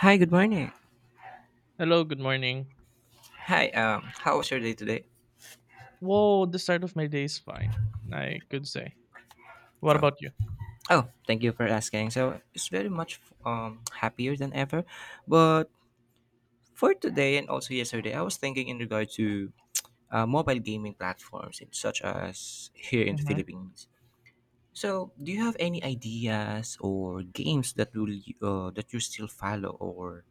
Hi, good morning. Hello, good morning. Hi, how was your day today? Whoa, the start of my day is fine, I could say. What Oh, about you? oh, thank you for asking. So it's very much happier than ever. But for today and also yesterday, I was thinking in regard to mobile gaming platforms such as here in the Hmm. Philippines. So, do you have any ideas or games that that you still follow or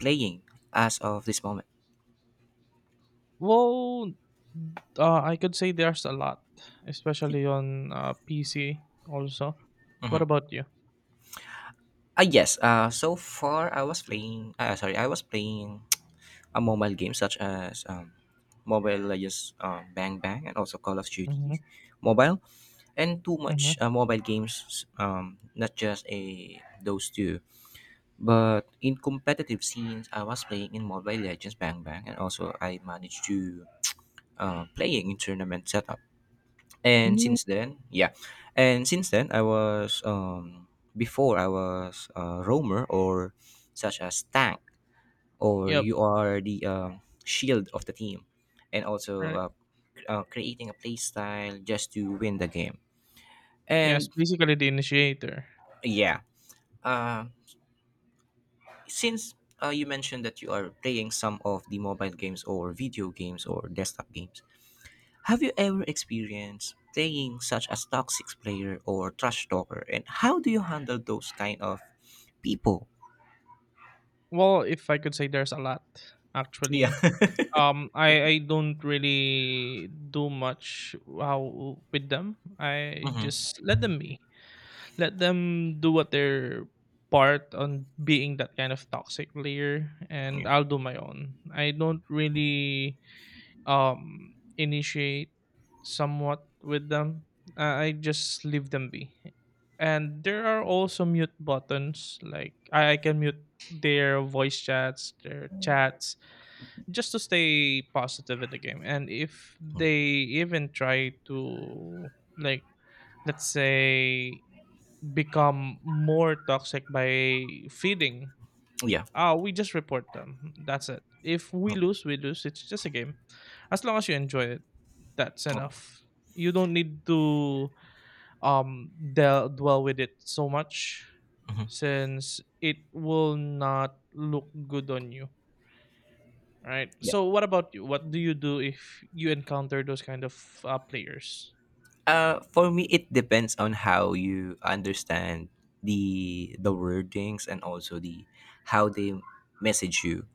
playing as of this moment? Well, I could say there's a lot, especially on PC also. Mm-hmm. What about you? Yes. So far I was playing. Sorry, I was playing a mobile games such as Mobile Legends Bang Bang and also Call of Duty Mm-hmm. mobile and too Mm-hmm. much mobile games not just a those two but in competitive scenes I was playing in Mobile Legends Bang Bang and also I managed to playing in tournament setup and Mm. since then yeah and since then I was before I was a roamer or such as tank or Yep. you are the shield of the team, and also creating a play style just to win the game. Yes, And basically the initiator. yeah, uh, since you mentioned that you are playing some of the mobile games or video games or desktop games, have you ever experienced playing such as toxic player or trash talker? And how do you handle those kind of people? Well, if I could say there's a lot Yeah. actually. I don't really do much how with them. I Hmm. just let them be. Let them do what their part on being that kind of toxic player, and Yeah. I'll do my own. I don't really um initiate somewhat with them. I just leave them be. And there are also mute buttons like I can mute their voice chats, their chats just to stay positive in the game. And if Mm. they even try to, like, let's say become more toxic by feeding. Yeah. Ah, we just report them. That's it. If we Okay. lose, we lose. It's just a game. As long as you enjoy it, that's Oh, enough. You don't need to dwell with it so much mhm. since it will not look good on you. Right. Yeah. So, what about you? What do you do if you encounter those kind of players? For me, it depends on how you understand the wordings and also the how they message you.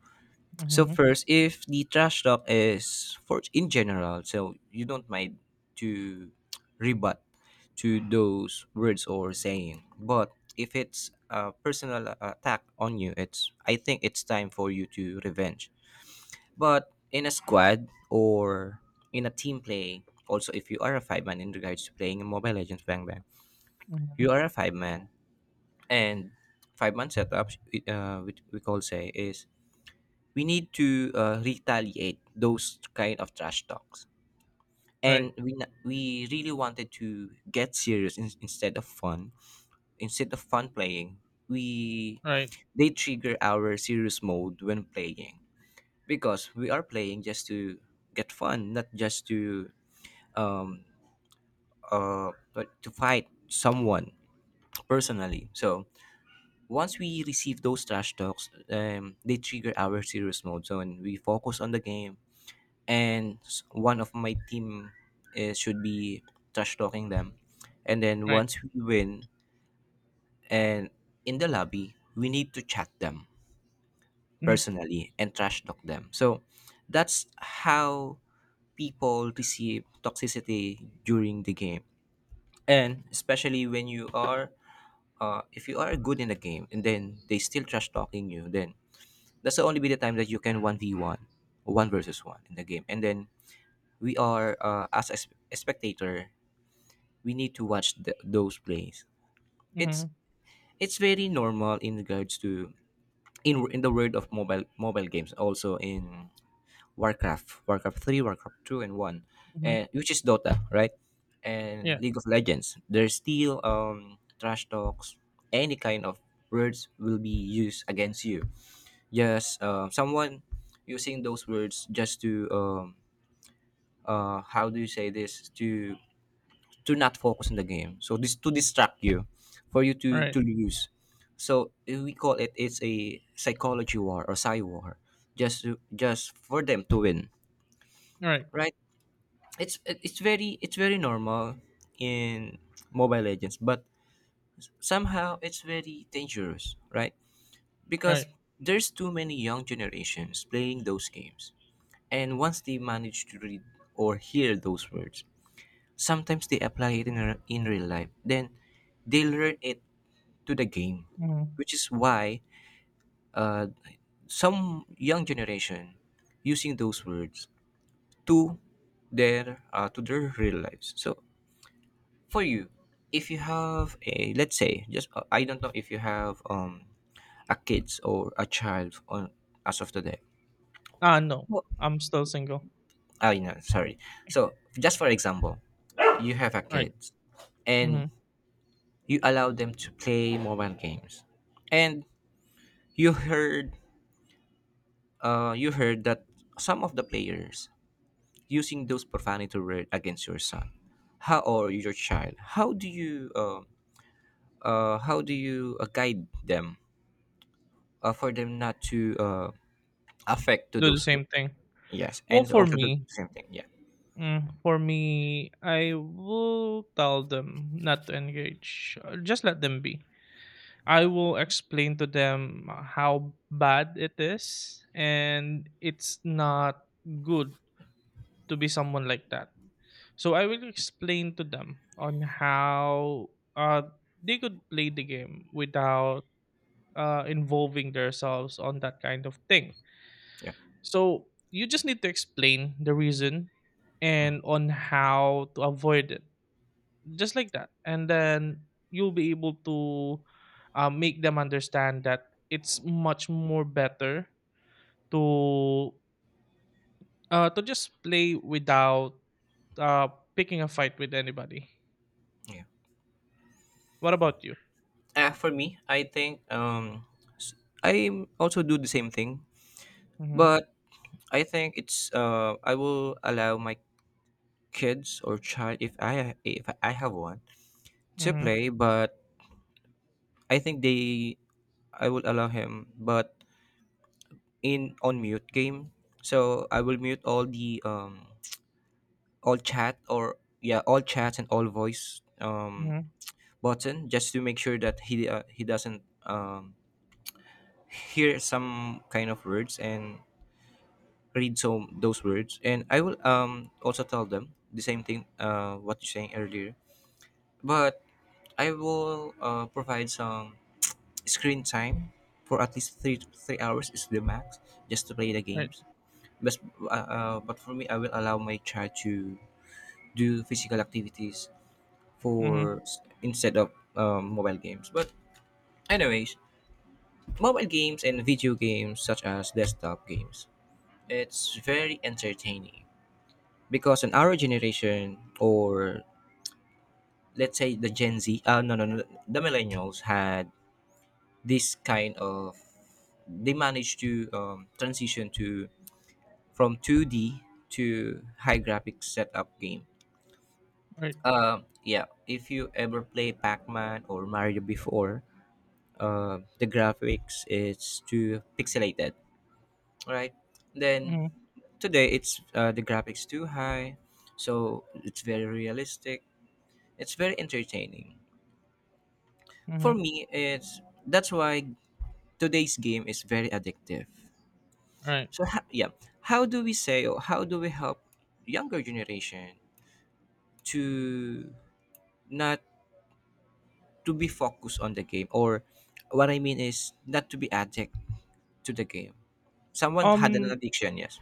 So Mm-hmm, first, if the trash talk is for in general, so you don't mind to rebut to those words or saying, but if it's a personal attack on you, it's I think it's time for you to revenge. But in a squad or in a team play, also if you are a five man in regards to playing in Mobile Legends Bang Bang, mm-hmm. you are a five man and five-man setups, which we call say is we need to retaliate those kind of trash talks. And Right. We really wanted to get serious in, instead of fun. Instead of fun playing, we Right. they trigger our serious mode when playing because we are playing just to get fun, not just to um, but to fight someone personally. So once we receive those trash talks, they trigger our serious mode. So when we focus on the game, and one of my team is, should be trash talking them, and then Right. once we win, and in the lobby, we need to chat them Mm-hmm, personally and trash talk them. So that's how people receive toxicity during the game and especially when you are if you are good in the game and then they still trash talking you, then that's the only be the time that you can 1v1, one one versus one in the game. And then we are, as a, a spectator, we need to watch the, those plays. It's mm-hmm, it's very normal in regards to in the world of mobile games, also in Warcraft, Warcraft 3, Warcraft 2 and 1, mm-hmm. and which is Dota, right? And Yeah. League of Legends. There's still trash talks, any kind of words will be used against you. Just someone using those words just to how do you say this to not focus on the game. So this to distract you for you to Right. Lose. So we call it's a psychology war or psy war just to, just for them to win, Right, right? It's very normal in Mobile Legends but somehow it's very dangerous, right? Because right. there's too many young generations playing those games and once they manage to read or hear those words sometimes they apply it in, in real life then they learn it to the game, Mhm. which is why uh, some young generation using those words to to their real lives. So for you, if you have a, let's say, just I don't know if you have a kids or a child on as of today. Ah, no, Well, I'm still single. I know, sorry. So just for example, you have a Right. kids and Mhm. you allow them to play mobile games and you heard you heard that some of the players using those profanity words against your son how or your child, how do you guide them for them not to affect to Do the those same words. thing. Yes, Well, and for also do the me, same thing. Yeah, mm, for me, I will tell them not to engage. Just let them be. I will explain to them how bad it is, and it's not good to be someone like that. So I will explain to them on how uh they could play the game without involving themselves on that kind of thing. yeah, So you just need to explain the reason and on how to avoid it, just like that, and then you'll be able to make them understand that it's much more better to to just play without uh, picking a fight with anybody. yeah. What about you? For me, I think s- I also do the same thing, Mhm. but I think it's I will allow my kids or child if I have one to Mhm. play, but I think they I will allow him, but in on mute game. So I will mute all the all chat or yeah all chats and all voice Mhm. button just to make sure that he doesn't hear some kind of words and read some those words, and I will also tell them the same thing what you saying earlier, but I will provide some screen time for at least 3 3 hours is the max just to play the Right. games. But but for me I will allow my child to do physical activities Mhm. for instead of mobile games. But anyways, mobile games and video games such as desktop games. It's very entertaining because in our generation, or let's say the Gen Z, no, no, no, the millennials had this kind of. They managed to transition to from 2D to high graphics setup game. Right. Yeah, if you ever play Pac-Man or Mario before, the graphics is too pixelated, right? Then Mhm. today it's the graphics too high, so it's very realistic. It's very entertaining. For Mhm. me, it's that's why today's game is very addictive. Right. So yeah, how do we say or how do we help younger generation to not to be focused on the game, or what I mean is not to be addict to the game. Someone had an Um. addiction, yes.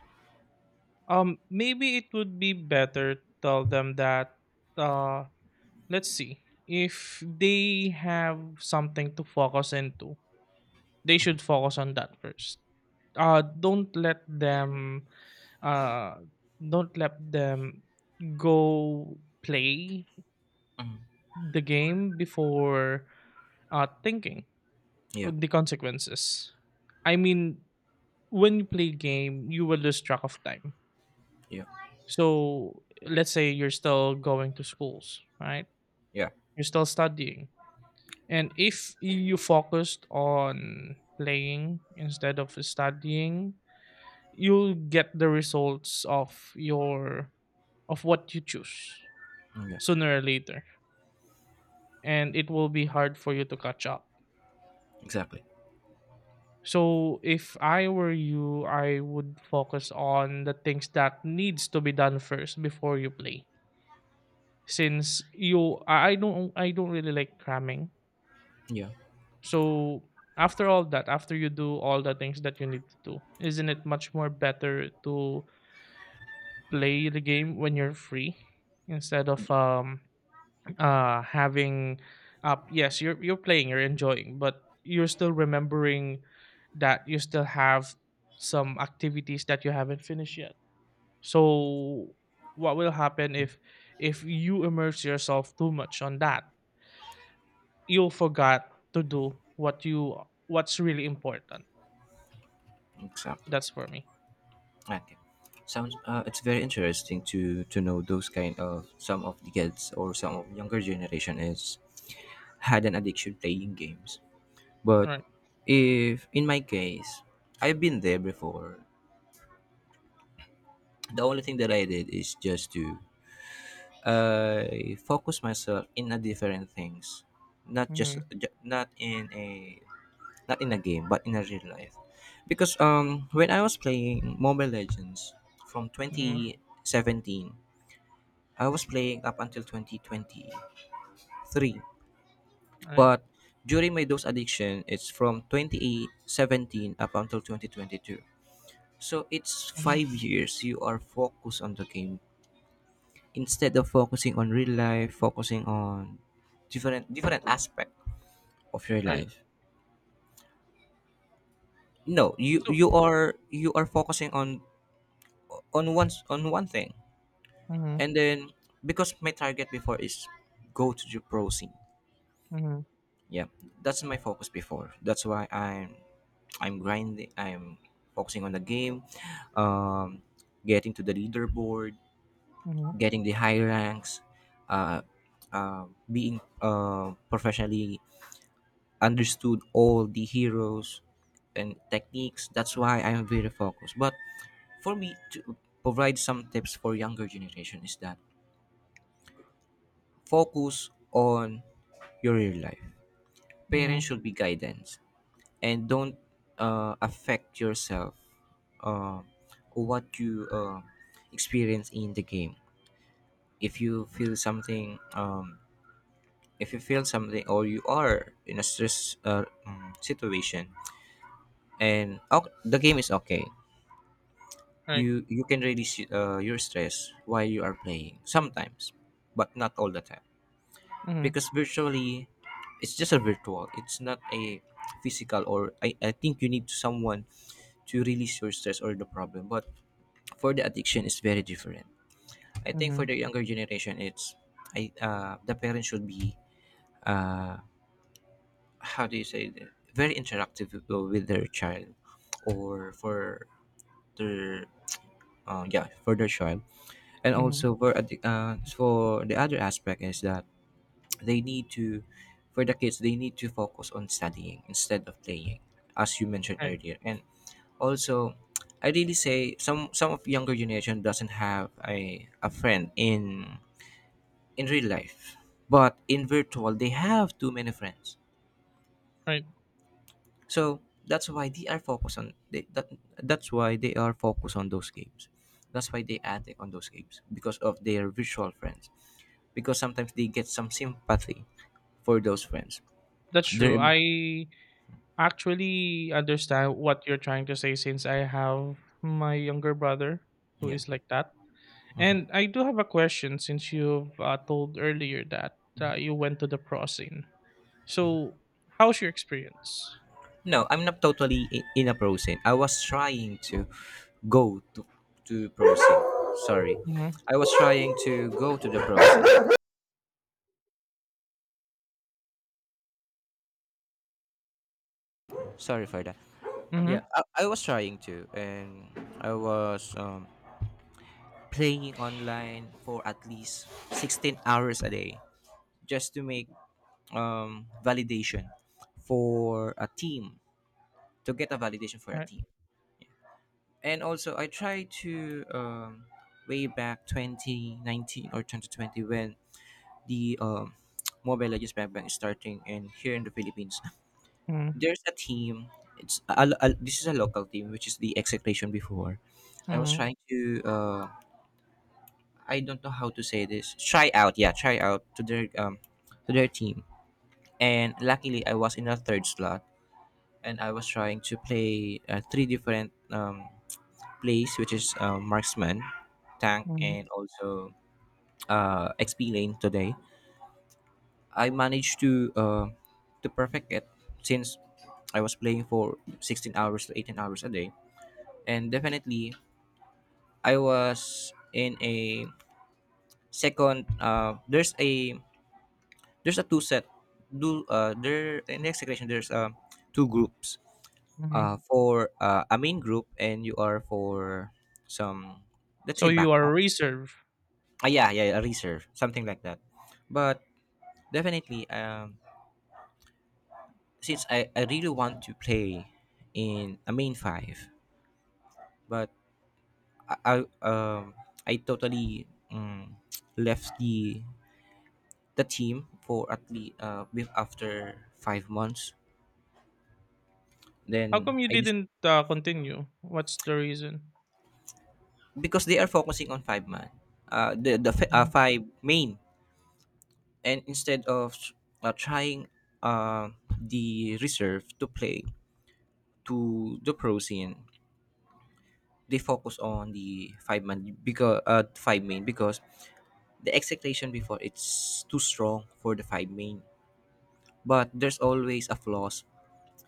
Maybe it would be better tell them that uh let's see. If they have something to focus into, they should focus on that first. Uh don't let them uh don't let them go play Mhm. the game before thinking Yeah, the consequences. I mean, when you play game, you will lose track of time. yeah, So let's say you're still going to schools, right? yeah, You're still studying. And if you focused on playing instead of studying, you'll get the results of your of what you choose Mm, yeah. sooner or later. And it will be hard for you to catch up. Exactly. So if I were you, I would focus on the things that needs to be done first before you play. Since you I don't really like cramming. Yeah. So after all that, after you do all the things that you need to do, isn't it much more better to play the game when you're free instead of having up yes, you're playing, you're enjoying, but you're still remembering that you still have some activities that you haven't finished yet. So what will happen if you immerse yourself too much on that, you'll forget to do what's really important. Exactly. That's for me. Okay. Sounds. It's very interesting to know those kind of some of the kids or some of younger generation is had an addiction playing games. But Right. if in my case, I've been there before. The only thing that I did is just to I focus myself in a different things, not just Mhm, not in a not in a game but in a real life. Because when I was playing Mobile Legends from mhm, 2017 I was playing up until 2023. right, But during my dose addiction, it's from 2017 up until 2022. So it's mhm, 5 years you are focused on the game instead of focusing on real life, focusing on different aspect of your right. life. No, So you are focusing on on one thing, and mhm, then because my target before is go to the pro scene. mhm, Yeah, that's my focus before. That's why I'm grinding, I'm focusing on the game, um getting to the leaderboard, mhm, getting the high ranks, uh, being professionally understood all the heroes and techniques, that's why I'm very focused. But for me to provide some tips for younger generation is that focus on your real life, parents mhm, should be guidance and don't affect yourself uh, or what you experience in the game. If you feel something or you are in a stress situation, and oh, the game is okay, right, you can release your stress while you are playing sometimes, but not all the time. mhm, Because virtually, it's just a virtual, it's not a physical, or I think you need someone to release your stress or the problem. But for the addiction is very different. I think for mhm, the younger generation, it's I the parents should be uh, how do you say that? Very interactive with their child, or for their yeah for their child, and mhm, also for for the other aspect is that they need to for the kids they need to focus on studying instead of playing, as you mentioned right, earlier, and also. I really say some of younger generation doesn't have a friend in real life. But in virtual, they have too many friends. right. So that's why they are focused on they, that, that's why they are focused on those games. That's why they addict on those games because of their virtual friends. Because sometimes they get some sympathy for those friends. That's Their true. emo- I actually understand what you're trying to say since I have my younger brother who yeah. is like that. And I do have a question since you've told earlier that you went to the pro scene. So, how's your experience? No, I'm not totally in a pro scene. I was trying to go to pro scene. Sorry, Mhm, I was trying to go to the pro scene. Sorry for that. Yeah. mhm, I was trying to, and I was playing online for at least 16 hours a day just to make validation for a team, to get a validation for a right, team. And also, I tried to, way back 2019 or 2020, when the Mobile Legends Bank is starting in here in the Philippines. mhm, There's a team. This is a local team, which is the execution before. I was mhm, trying to. Uh, I don't know how to say this. Try out, yeah, try out to their team. And luckily, I was in a third slot, and I was trying to play three different plays, which is marksman, tank, mhm, and also XP lane today. I managed to perfect it since I was playing for 16 hours to 18 hours a day. And definitely I was in a second there's a two set do there in the execution. There's two groups mhm. for a main group, and you are for some, let's So say, you are a backup. reserve. Yeah, yeah, a reserve, something like that. But definitely since I really want to play in a main five. But I, I um I totally um, left the team for at least with after 5 months. How Then come you I just, didn't continue? What's the reason? because they are focusing on five man, Mm. five main, and instead of trying uh, the reserve to play to the pro scene, they focus on the five-man because five main, because the expectation before, it's too strong for the five main. But there's always a flaws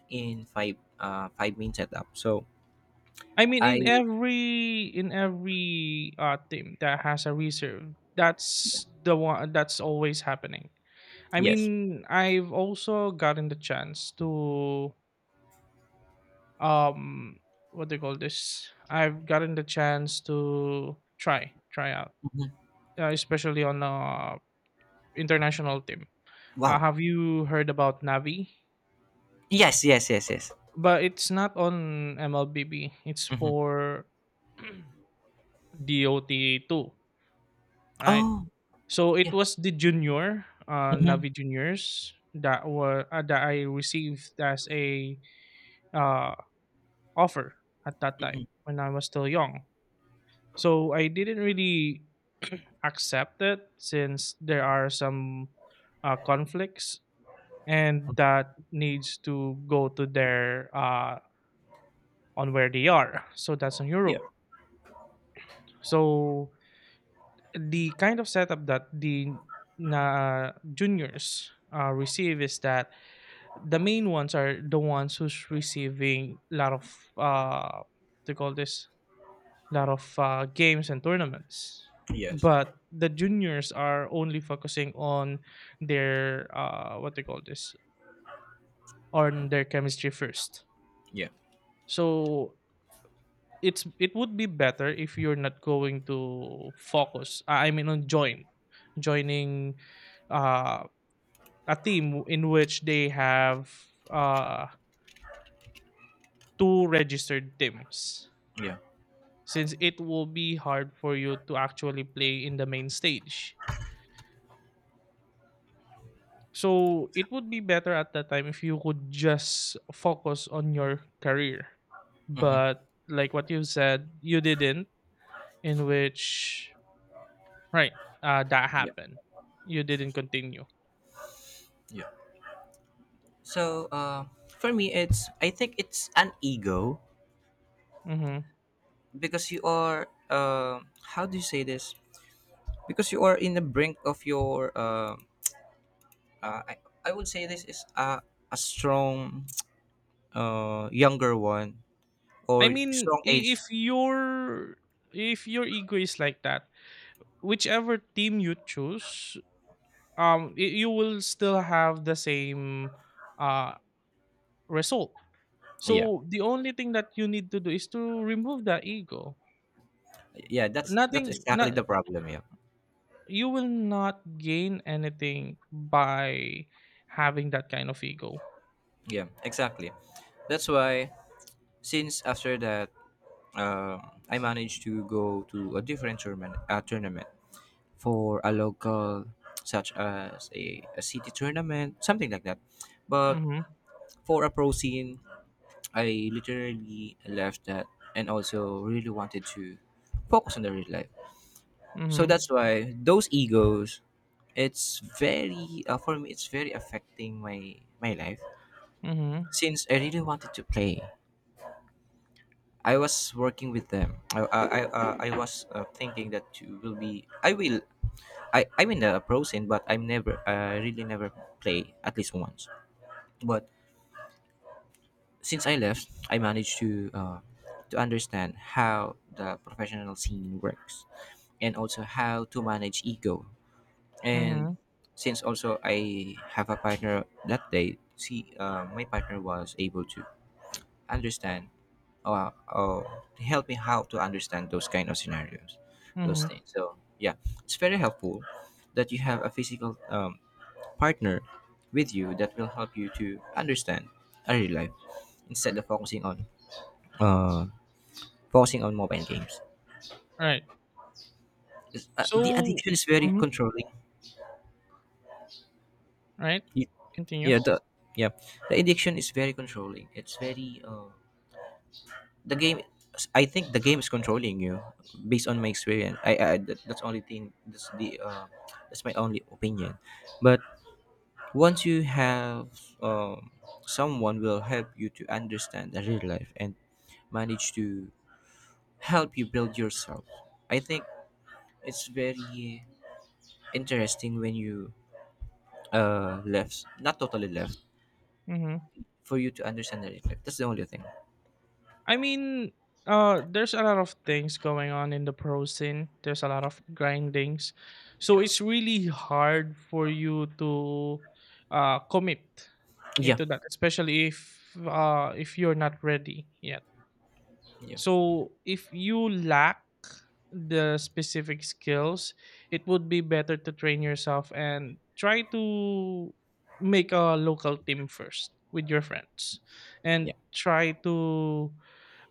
in five main setup. So I mean, I in every team that has a reserve, that's the one that's always happening. I yes. mean, I've also gotten the chance to um what do you call this? I've gotten the chance to try out, Mhm. Especially on a international team. Wow. Have you heard about Navi? Yes, yes, yes, yes. But it's not on MLBB. It's Hmm. for Dota 2, right? Oh, So it yeah. was the junior, Hmm. Navi juniors that were that I received as a uh, offer at that time Hmm. when I was still young. So I didn't really accept it since there are some conflicts and that needs to go to their on where they are. So that's on Yeah, Europe. So the kind of setup that the na juniors receive is that the main ones are the ones who's receiving a lot of uh they call this lot of games and tournaments, yes, but the juniors are only focusing on their what they call this on their chemistry first. yeah, So it's it would be better if you're not going to focus I mean on joining uh a team in which they have uh two registered teams, yeah, since it will be hard for you to actually play in the main stage. So it would be better at that time if you could just focus on your career, hmm, but like what you said, you didn't in which. Right. That yeah, happened. You didn't continue. yeah. So, for me, it's. I think it's an ego Hmm. because you are how do you say this? Because you are in the brink of your uh, I I would say this is a strong younger one, I or mean, strong i- age. if your if your ego is like that, whichever team you choose, you will still have the same uh result. Yeah, So the only thing that you need to do is to remove that ego. yeah. That's Nothing. exactly Not the problem. Yeah, you will not gain anything by having that kind of ego. yeah, exactly. That's why. Since after that, um, I managed to go to a different tournament, tournament for a local, such as a city tournament, something like that. But Mm-hmm. for a pro scene, I literally left that, and also really wanted to focus on the real life. So that's Mm-hmm. why those egos, it's very, for me, it's very affecting my life, Mm-hmm. since I really wanted to play. I was working with them. I was thinking that you will be. I will. I'm in the pro scene, but I'm never. I really never play at least once. But since I left, I managed to understand how the professional scene works, and also how to manage ego. And Mhm, since also I have a partner that day, she my partner was able to understand, uh, uh, help me how to understand those kind of scenarios, those mhm, things. So yeah, it's very helpful that you have a physical partner with you that will help you to understand early life, instead of uh, focusing on mobile games. right. The So addiction is very mhm, controlling. right. You- Continue. Yeah, yeah, the addiction is very controlling. It's very the game I think the game is controlling you, based on my experience. That's only thing. That's my only opinion. But once you have um, someone will help you to understand the real life, and manage to help you build yourself. I think it's very interesting when you left, not totally left, Mhm. for you to understand the real life. That's the only thing. I mean, there's a lot of things going on in the pro scene. There's a lot of grindings, so it's really hard for you to commit Yeah. into that, especially if you're not ready. Yeah. Yeah, yeah. So if you lack the specific skills, it would be better to train yourself and try to make a local team first with your friends and Yeah, try to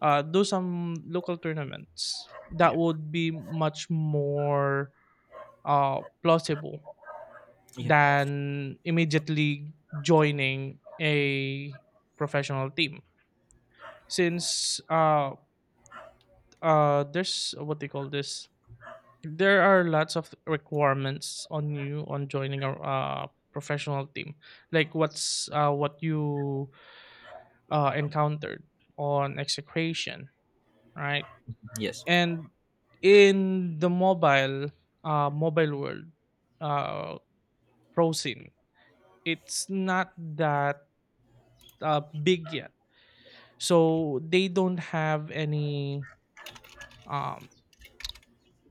do some local tournaments. That yeah, would be much more plausible yeah. than immediately joining a professional team, since there's what they call this, there are lots of requirements on you on joining a professional team, like what's what you encountered on execration, right? Yes. And in the mobile world, uh pro, it's not that big yet, so they don't have any um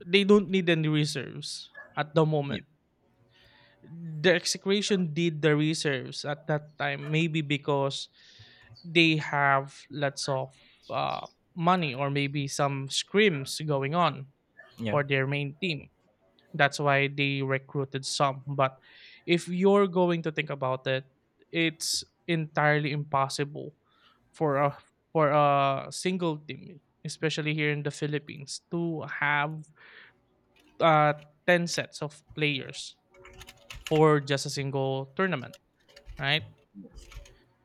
they don't need any reserves at the Yeah, moment. The execution did the reserves at that time, maybe because they have lots of uh, money or maybe some scrims going on yeah. for their main team, that's why they recruited some. But if you're going to think about it, it's entirely impossible for a single team, especially here in the Philippines, to have uh, 10 sets of players for just a single tournament, right?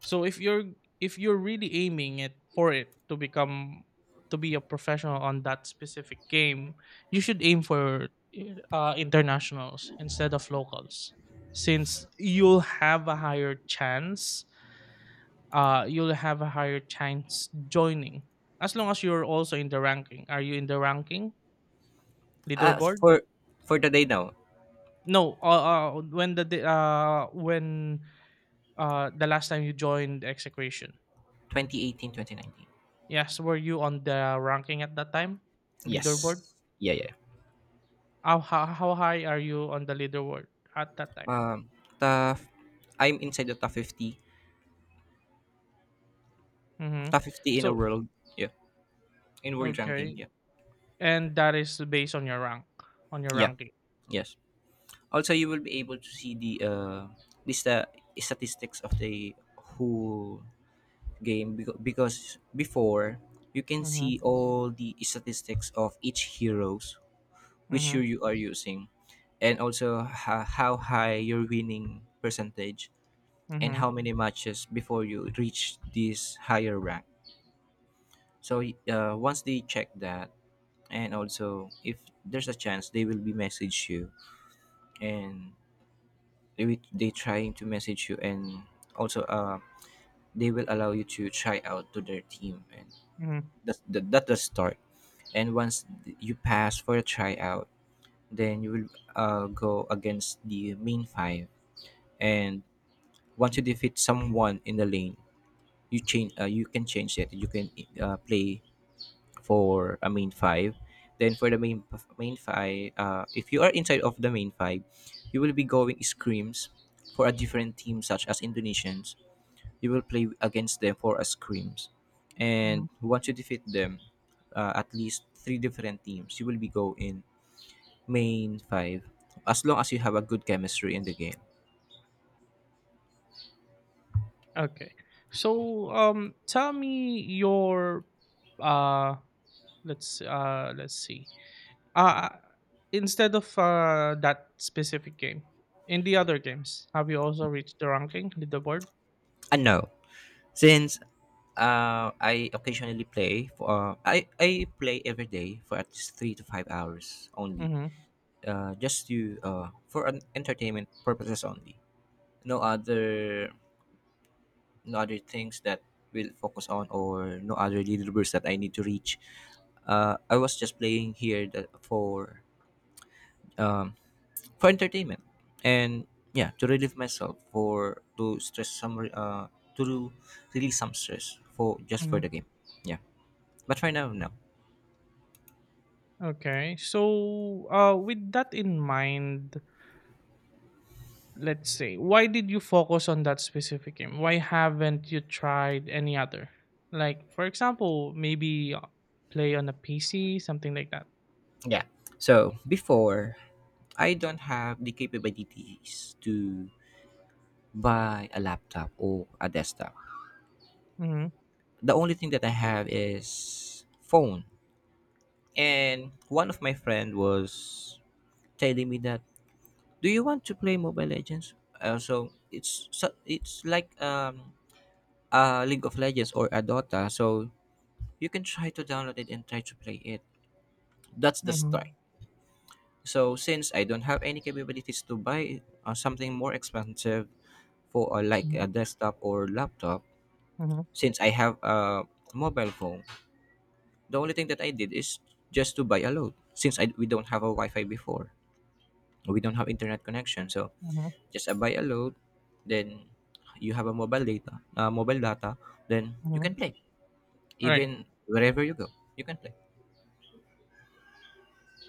So if you're really aiming it for it to become to be a professional on that specific game, you should aim for internationals instead of locals, since you'll have a higher chance. You'll have a higher chance joining as long as you're also in the ranking. Are you in the ranking Uh, leaderboard? for for the day now, No. When the- when The last time you joined execution. 2018, 2019. Yes, were you on the ranking at that time? Leaderboard? Yes. Yeah, yeah. How high are you on the leaderboard at that time? Um, the I'm inside the top 50, Mm-hmm. top 50 in a So, world. Yeah, in world ranking. okay. Yeah. And that is based on your rank, on your Yeah. ranking. Yes. Also, you will be able to see the sta- statistics of the whole game, because before you can Mm-hmm. see all the statistics of each heroes which you, Mm-hmm. you are using, and also how high your winning percentage, and Mm-hmm. how many matches before you reach this higher rank. So once they check that, and also if there's a chance, they will be message you, and they trying to message you, and also they will allow you to try out to their team, and Mm-hmm. that's the start. And once you pass for a tryout, then you will go against the main five, and once you defeat someone in the lane, you can change it. You can play for a main five. Then for the main five, if you are inside of the main five, you will be going scrims for a different team such as Indonesians. You will play against them for a scrims, and Hmm. once you defeat them, at least three different teams, you will be go in main five. As long as you have a good chemistry in the game. Okay. So, tell me your, uh, let's see. Uh, Instead of that specific game, in the other games, have you also reached the ranking leaderboard? And now, since I occasionally play for. I play every day for at least 3 to 5 hours only. Mm-hmm. Just to for an entertainment purposes only. No other no other things that will focus on, or no other deliverables that I need to reach. I was just playing here that um, for entertainment, and yeah, to relieve myself for to stress some to release some stress, for just for the Mhm. game. Yeah, but right now, no. Okay. So, with that in mind, let's say, why did you focus on that specific game? Why haven't you tried any other? Like, for example, maybe play on a PC, something like that. Yeah. So before I don't have the capabilities to buy a laptop or a desktop. Mm-hmm. The only thing that I have is phone. And one of my friend was telling me that, "Do you want to play Mobile Legends?" So it's like a League of Legends or a Dota. So you can try to download it and try to play it. That's the Mm-hmm. start. So since I don't have any capabilities to buy something more expensive for like Mm-hmm. a desktop or laptop, Mm-hmm. since I have a mobile phone, the only thing that I did is just to buy a load, since we don't have a Wi-Fi before. We don't have internet connection, so Mm-hmm. just, buy a load. Then you have a mobile data. Then you can Mm-hmm. play Right. even wherever you go. You can play.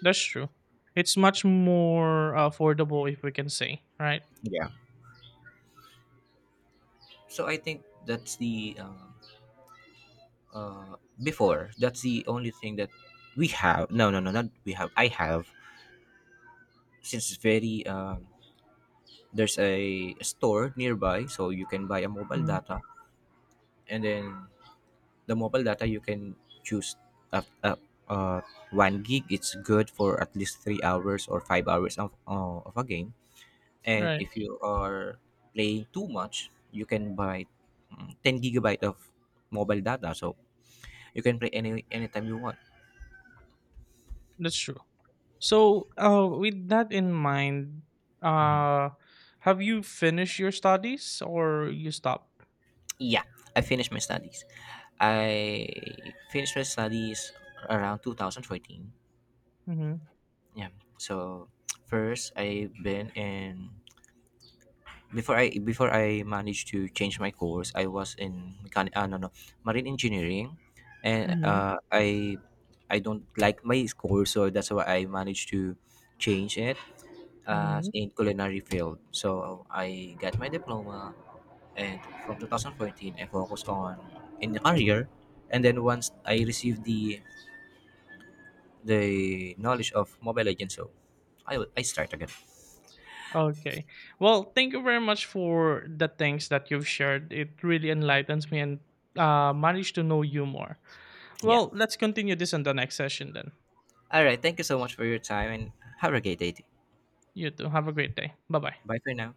That's true. It's much more affordable, if we can say, right? Yeah. So I think that's the before. That's the only thing that we have. No, no, no, not we have. I have. Since it's very there's a store nearby, so you can buy a mobile Mm. data, and then the mobile data, you can choose up up uh, 1 gig. It's good for at least 3 hours or 5 hours of a game. And Right. if you are playing too much, you can buy, 10 gigabyte of mobile data, so you can play anytime you want. That's true. So, with that in mind, Mhm. uh, have you finished your studies or you stopped? Yeah, I finished my studies around 2014. Mm-hmm. Yeah. So first, I've been in before I managed to change my course, I was in mechanic. No, no, marine engineering, and Mm-hmm. I don't like my course, so that's why I managed to change it, Mm-hmm. in culinary field. So I got my diploma, and from 2014, I focused on in the career, and then once I received the knowledge of Mobile Legends, so I start again. Okay. Well, thank you very much for the things that you've shared. It really enlightens me, and managed to know you more. Yeah. Well, let's continue this in the next session then. All right. Thank you so much for your time, and have a great day. You too. Have a great day. Bye bye. Bye for now.